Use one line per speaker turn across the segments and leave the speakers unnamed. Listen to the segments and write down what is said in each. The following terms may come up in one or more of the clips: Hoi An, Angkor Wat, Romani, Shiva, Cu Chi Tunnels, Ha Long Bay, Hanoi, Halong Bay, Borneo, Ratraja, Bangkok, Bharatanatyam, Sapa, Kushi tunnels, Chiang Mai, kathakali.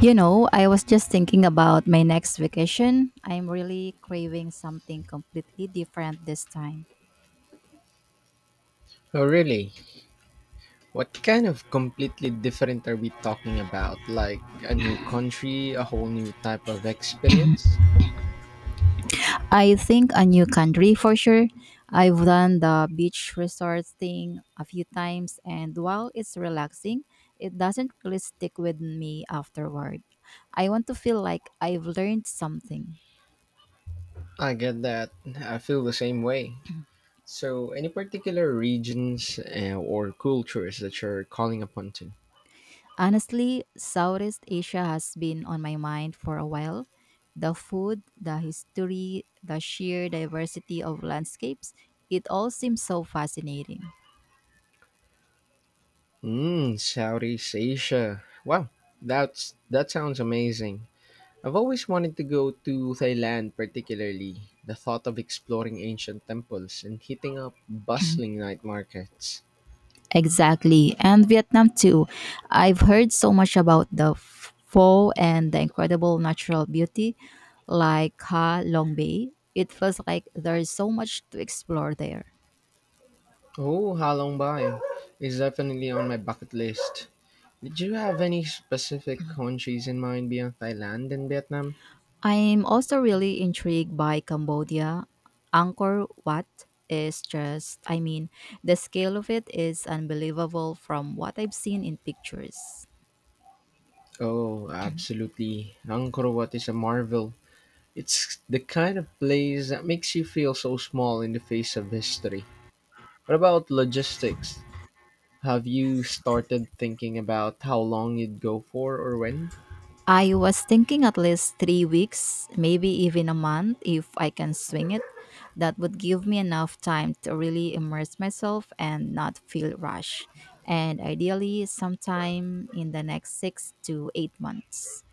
You know, I was just thinking about my next vacation. I'm really craving something completely different this time.
Oh, really? What kind of completely different are we talking about? Like a new country, a whole new type of experience?
I think a new country for sure. I've done the beach resort thing a few times, and while it's relaxing, it doesn't really stick with me afterward. I want to feel like I've learned something.
I get that. I feel the same way. So, any particular regions or cultures that you're calling upon to?
Honestly, Southeast Asia has been on my mind for a while. The food, the history, the sheer diversity of landscapes, it all seems so fascinating.
Southeast Asia. Wow, that sounds amazing. I've always wanted to go to Thailand, particularly. The thought of exploring ancient temples and hitting up bustling night markets.
Exactly. And Vietnam too. I've heard so much about the pho and the incredible natural beauty like Ha Long Bay. It feels like there's so much to explore there.
Oh, Halong Bay is definitely on my bucket list. Did you have any specific countries in mind beyond Thailand and Vietnam?
I'm also really intrigued by Cambodia. Angkor Wat is just, I mean, the scale of it is unbelievable from what I've seen in pictures.
Oh, absolutely. Angkor Wat is a marvel. It's the kind of place that makes you feel so small in the face of history. What about logistics? Have you started thinking about how long you'd go for or when?
I was thinking at least 3 weeks, maybe even a month if I can swing it. That would give me enough time to really immerse myself and not feel rushed. And ideally, sometime in the next 6 to 8 months.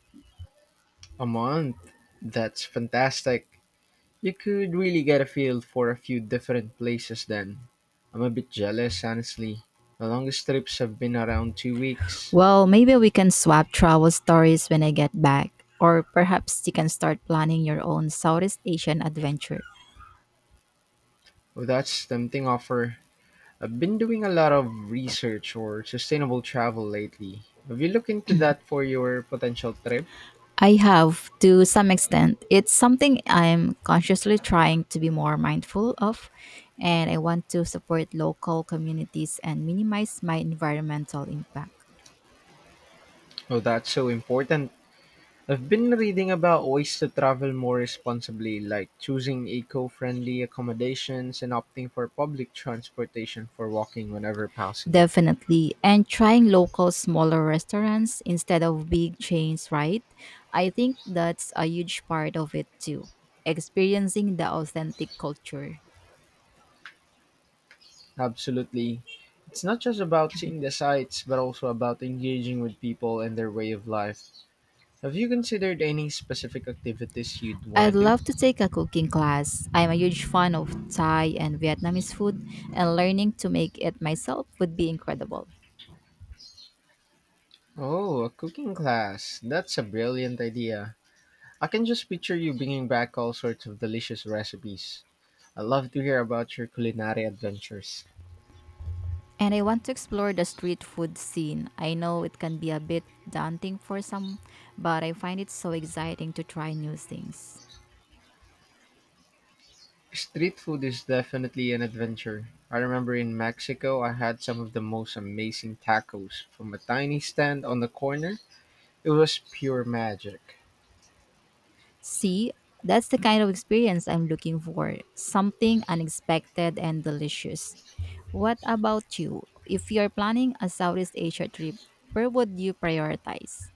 A month. That's fantastic. You could really get a feel for a few different places then. I'm a bit jealous, honestly. The longest trips have been around 2 weeks.
Well, maybe we can swap travel stories when I get back, or perhaps you can start planning your own Southeast Asian adventure.
Well, that's tempting offer. I've been doing a lot of research or sustainable travel lately. Have you looked into that for your potential trip?
I have to some extent. It's something I'm consciously trying to be more mindful of, and I want to support local communities and minimize my environmental impact.
Oh, that's so important. I've been reading about ways to travel more responsibly, like choosing eco friendly accommodations and opting for public transportation for walking whenever possible.
Definitely. And trying local smaller restaurants instead of big chains, right? I think that's a huge part of it too. Experiencing the authentic culture.
Absolutely. It's not just about seeing the sights, but also about engaging with people and their way of life. Have you considered any specific activities you'd want
I'd
to do?
love to take a cooking class. I'm a huge fan of Thai and Vietnamese food, and learning to make it myself would be incredible.
Oh, a cooking class. That's a brilliant idea. I can just picture you bringing back all sorts of delicious recipes. I'd love to hear about your culinary adventures.
And I want to explore the street food scene. I know it can be a bit daunting for some, but I find it so exciting to try new things.
Street food is definitely an adventure. I remember in Mexico, I had some of the most amazing tacos from a tiny stand on the corner. It was pure magic.
See, that's the kind of experience I'm looking for something unexpected and delicious. What about you? If you're planning a Southeast Asia trip, where would you prioritize?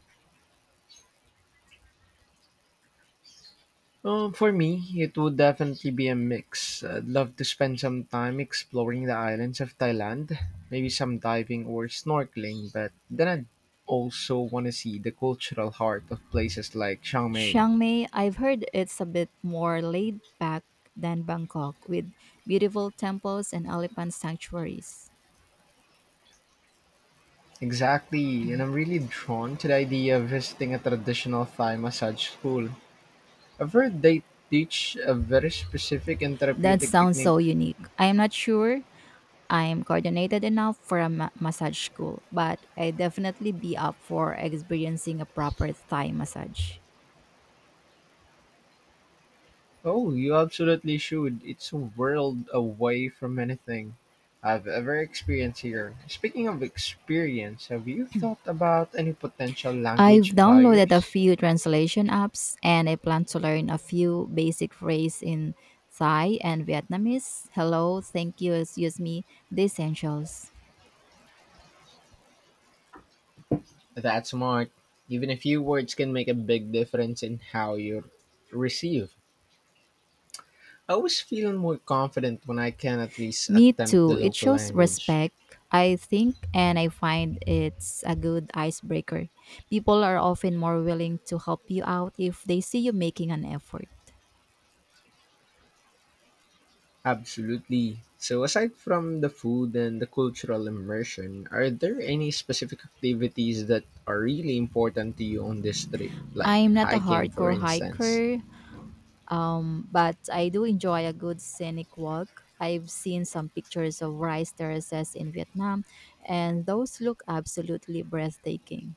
For me, it would definitely be a mix. I'd love to spend some time exploring the islands of Thailand, maybe some diving or snorkeling, but then I'd also want to see the cultural heart of places like Chiang Mai.
Chiang I've heard it's a bit more laid back than Bangkok with beautiful temples and elephant sanctuaries.
Exactly, and I'm really drawn to the idea of visiting a traditional Thai massage school. I've heard they teach a very specific and
That
therapeutic
sounds
technique.
so unique. I'm not sure I'm coordinated enough for a massage school, but I'd definitely be up for experiencing a proper Thai massage.
Oh, you absolutely should. It's a world away from anything I've ever experienced here. Speaking of experience, have you thought about any potential
I've
language
downloaded a
barriers?
few translation apps and I plan to learn a few basic phrases in Thai and Vietnamese. Hello, thank you, excuse me, the essentials.
That's smart. Even a few words can make a big difference in how you receive. I always feel more confident when I can at least
Me
attempt the
too. It
local
shows
language.
respect, I think, and I find it's a good icebreaker. People are often more willing to help you out if they see you making an effort.
Absolutely. So, aside from the food and the cultural immersion, are there any specific activities that are really important to you on this trip, like
I'm not a
hiking, for
hardcore
instance?
hiker, but I do enjoy a good scenic walk. I've seen some pictures of rice terraces in Vietnam, and those look absolutely breathtaking.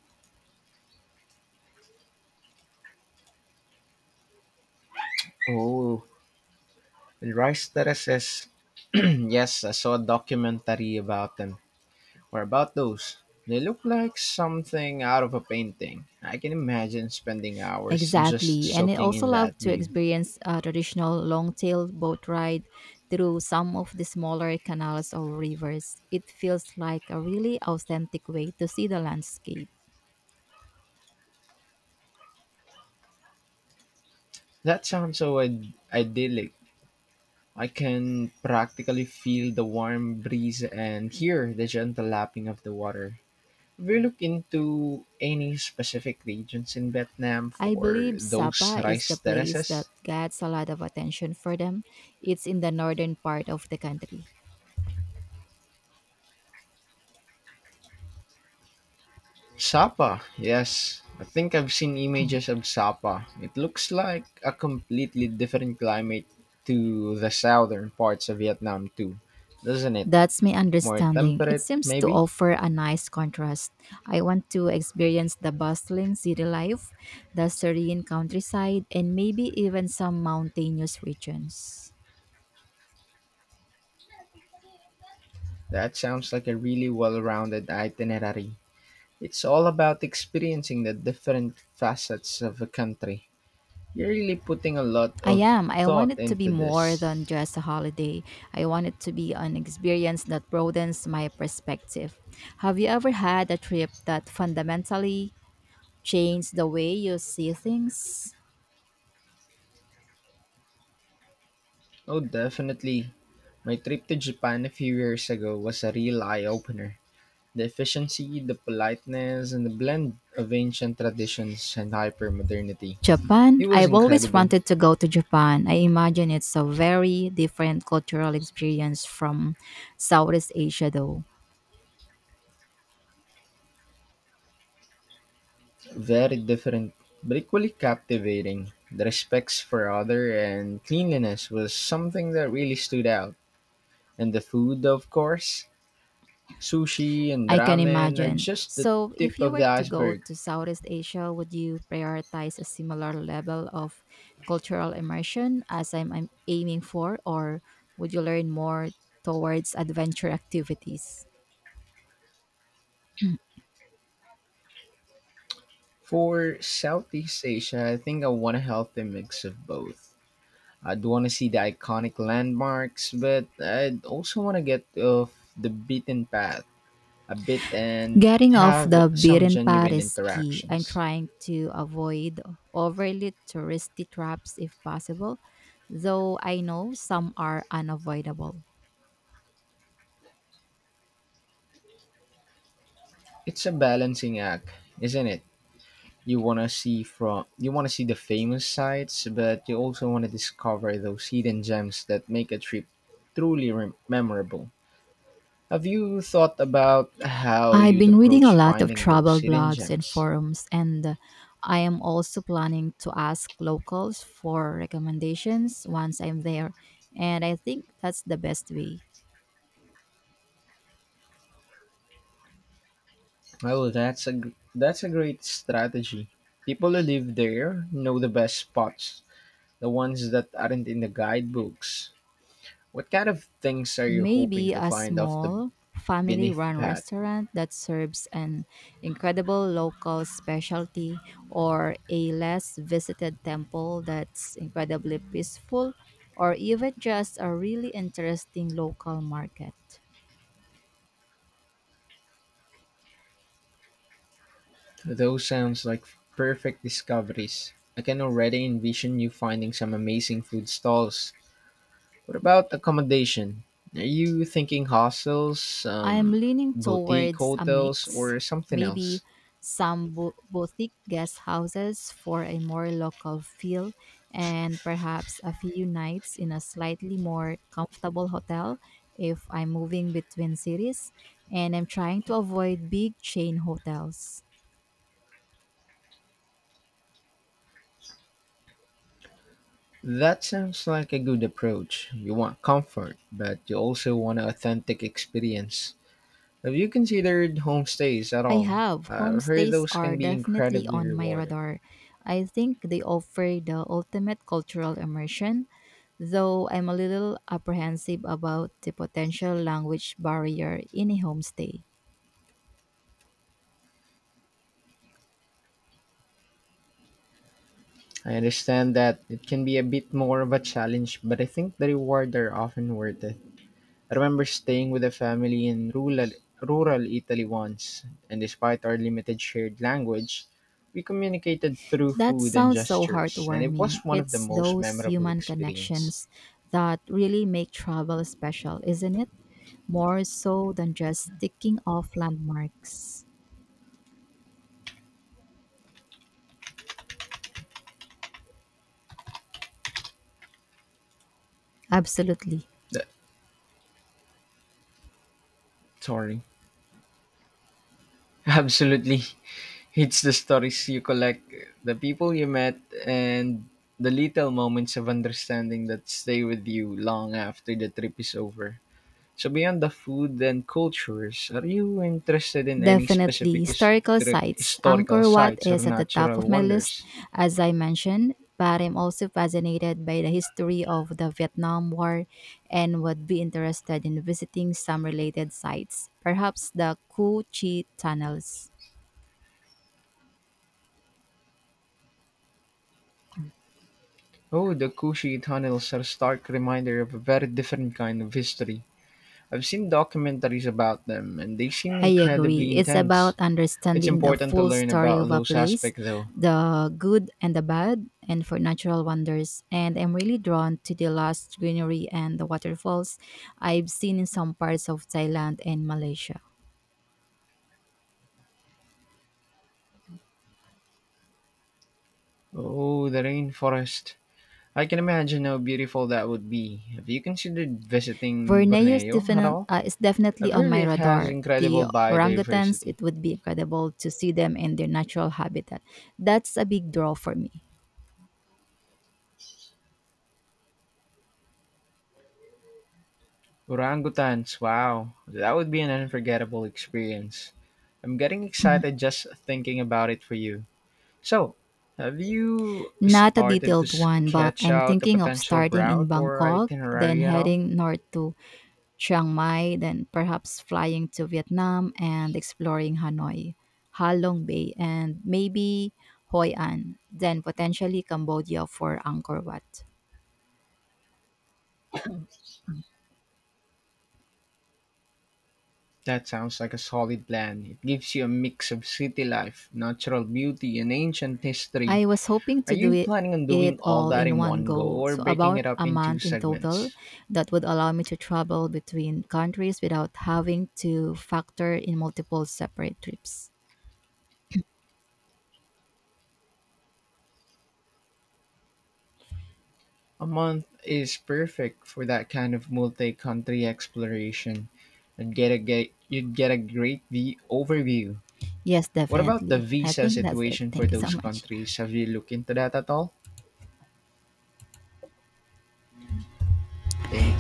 Oh, and rice terraces. Yes, I saw a documentary about them. Or about those? They look like something out of a painting. I can imagine spending hours just
Exactly. And I
soaking
also
in
love
that
to
view.
experience a traditional long tailed boat ride through some of the smaller canals or rivers. It feels like a really authentic way to see the landscape.
That sounds so idyllic. I can practically feel the warm breeze and hear the gentle lapping of the water. Have you looked into any specific regions in Vietnam
I
for
believe
those
Sapa is the
rice
place that
terraces?
gets a lot of attention for them. It's in the northern part of the country.
Sapa, yes. I think I've seen images of Sapa. It looks like a completely different climate to the southern parts of Vietnam, too, doesn't it?
That's my
More
understanding. It
temperate,
seems to
maybe?
offer a nice contrast. I want to experience the bustling city life, the serene countryside, and maybe even some mountainous regions.
That sounds like a really well rounded itinerary. It's all about experiencing the different facets of a country. You're really putting a lot
I
of
am. I want
thought
it to be
into
more than
this.
just a holiday. I want it to be an experience that broadens my perspective. Have you ever had a trip that fundamentally change the way you see things?
Oh, definitely. My trip to Japan a few years ago was a real eye opener. The efficiency, the politeness, and the blend of ancient traditions and hyper modernity.
Japan?
It was
I've always
incredible,
wanted to go to Japan. I imagine it's a very different cultural experience from Southeast Asia, though.
very different, but equally captivating. The respects for other and cleanliness was something that really stood out. And the food, of course, sushi and
I can
ramen are
imagine.
just the
So, if
tip
you
of
were
the
to go
iceberg.
to Southeast Asia, would you prioritize a similar level of cultural immersion as I'm aiming for, or would you learn more towards adventure activities? Mm.
For Southeast Asia, I think I want a healthy mix of both. I'd want to see the iconic landmarks, but I'd also want to get off the beaten path a bit and
Getting off
have
the
some
beaten path
genuine
is key and
interactions.
trying to avoid overly touristy traps if possible, though I know some are unavoidable.
It's a balancing act, isn't it? You want to see the famous sites, but you also want to discover those hidden gems that make a trip truly rem memorable. Have you thought about how
I've
you'd
been reading a
approach
lot of
finding those
travel
hidden
blogs and
gems?
forums, and I am also planning to ask locals for recommendations once I'm there. And I think that's the best way.
Well, that's a great strategy. People who live there know the best spots, the ones that aren't in the guidebooks. What kind of things are you hoping
Maybe
to
a
find off the
small family
beneath the
run
path?
restaurant that serves an incredible local specialty or a less visited temple that's incredibly peaceful or even just a really interesting local market.
Those sounds like perfect discoveries. I can already envision you finding some amazing food stalls. What about accommodation? Are you thinking hostels,
I'm leaning
boutique
towards a
hotels,
mix,
or something else?
maybe some boutique guest houses for a more local feel, and perhaps a few nights in a slightly more comfortable hotel if I'm moving between cities and I'm trying to avoid big chain hotels.
That sounds like a good approach. You want comfort, but you also want an authentic experience. Have you considered homestays at
I
all?
have.
I've heard
Homestays
those
are
can be
definitely
incredibly
on my
rewarding.
radar. I think they offer the ultimate cultural immersion, though I'm a little apprehensive about the potential language barrier in a homestay.
I understand that it can be a bit more of a challenge, but I think the reward are often worth it. I remember staying with a family in rural Italy once, and despite our limited shared language, we communicated through
That
food and
sounds so
gestures, and it was
heartwarming.
one of the
It's
most
those
memorable
human
experience.
connections that really make travel special, isn't it? More so than just ticking off landmarks. Absolutely.
That, sorry. Absolutely. It's the stories you collect, the people you met, and the little moments of understanding that stay with you long after the trip is over. So beyond the food and cultures, are you interested in any
Definitely.
specific
Historical sites.
historical
Angkor Wat
sites or
is at the top
natural
of my list,
wonders?
as I mentioned, but I'm also fascinated by the history of the Vietnam War and would be interested in visiting some related sites, perhaps the Cu Chi Tunnels.
Oh, the Kushi tunnels are a stark reminder of a very different kind of history. I've seen documentaries about them, and they seem
I agree.
incredibly
It's
intense.
about
It's
understanding the
important to
full
learn
story
about
of a
those
place,
aspects, though.
the good and the bad, and for natural wonders. And I'm really drawn to the lush greenery and the waterfalls I've seen in some parts of Thailand and Malaysia.
Oh, the rainforest. I can imagine how beautiful that would be. Have you considered visiting
Borneo is,
Borneo at
definite,
all?
uh, is
I've
definitely on
heard
my
it has
radar. The
incredible
orangutans,
biodiversity.
it would be incredible to see them in their natural habitat. That's a big draw for me.
Orangutans, wow, that would be an unforgettable experience. I'm getting excited just thinking about it for you. So, have you
Not a
started to
detailed one, but
sketch
I'm
out a
thinking of
potential
starting in
route or
Bangkok, then
itinerary at all?
heading north to Chiang Mai, then perhaps flying to Vietnam and exploring Hanoi, Ha Long Bay, and maybe Hoi An, then potentially Cambodia for Angkor Wat.
That sounds like a solid plan. It gives you a mix of city life, natural beauty, and ancient history.
I was hoping
Are
to do
you
it,
planning on doing
it
all
all
that
in
in
one
one go
go,
or
so
breaking
about
it up
a
into
month in total
segments?
that would allow me to travel between countries without having to factor in multiple separate trips.
A month is perfect for that kind of multi-country exploration. You'd get a great overview.
Yes,
What about the
definitely. I
visa
think that's it.
situation for
Thank you so
those
much.
countries? Have you looked into that at all? Thank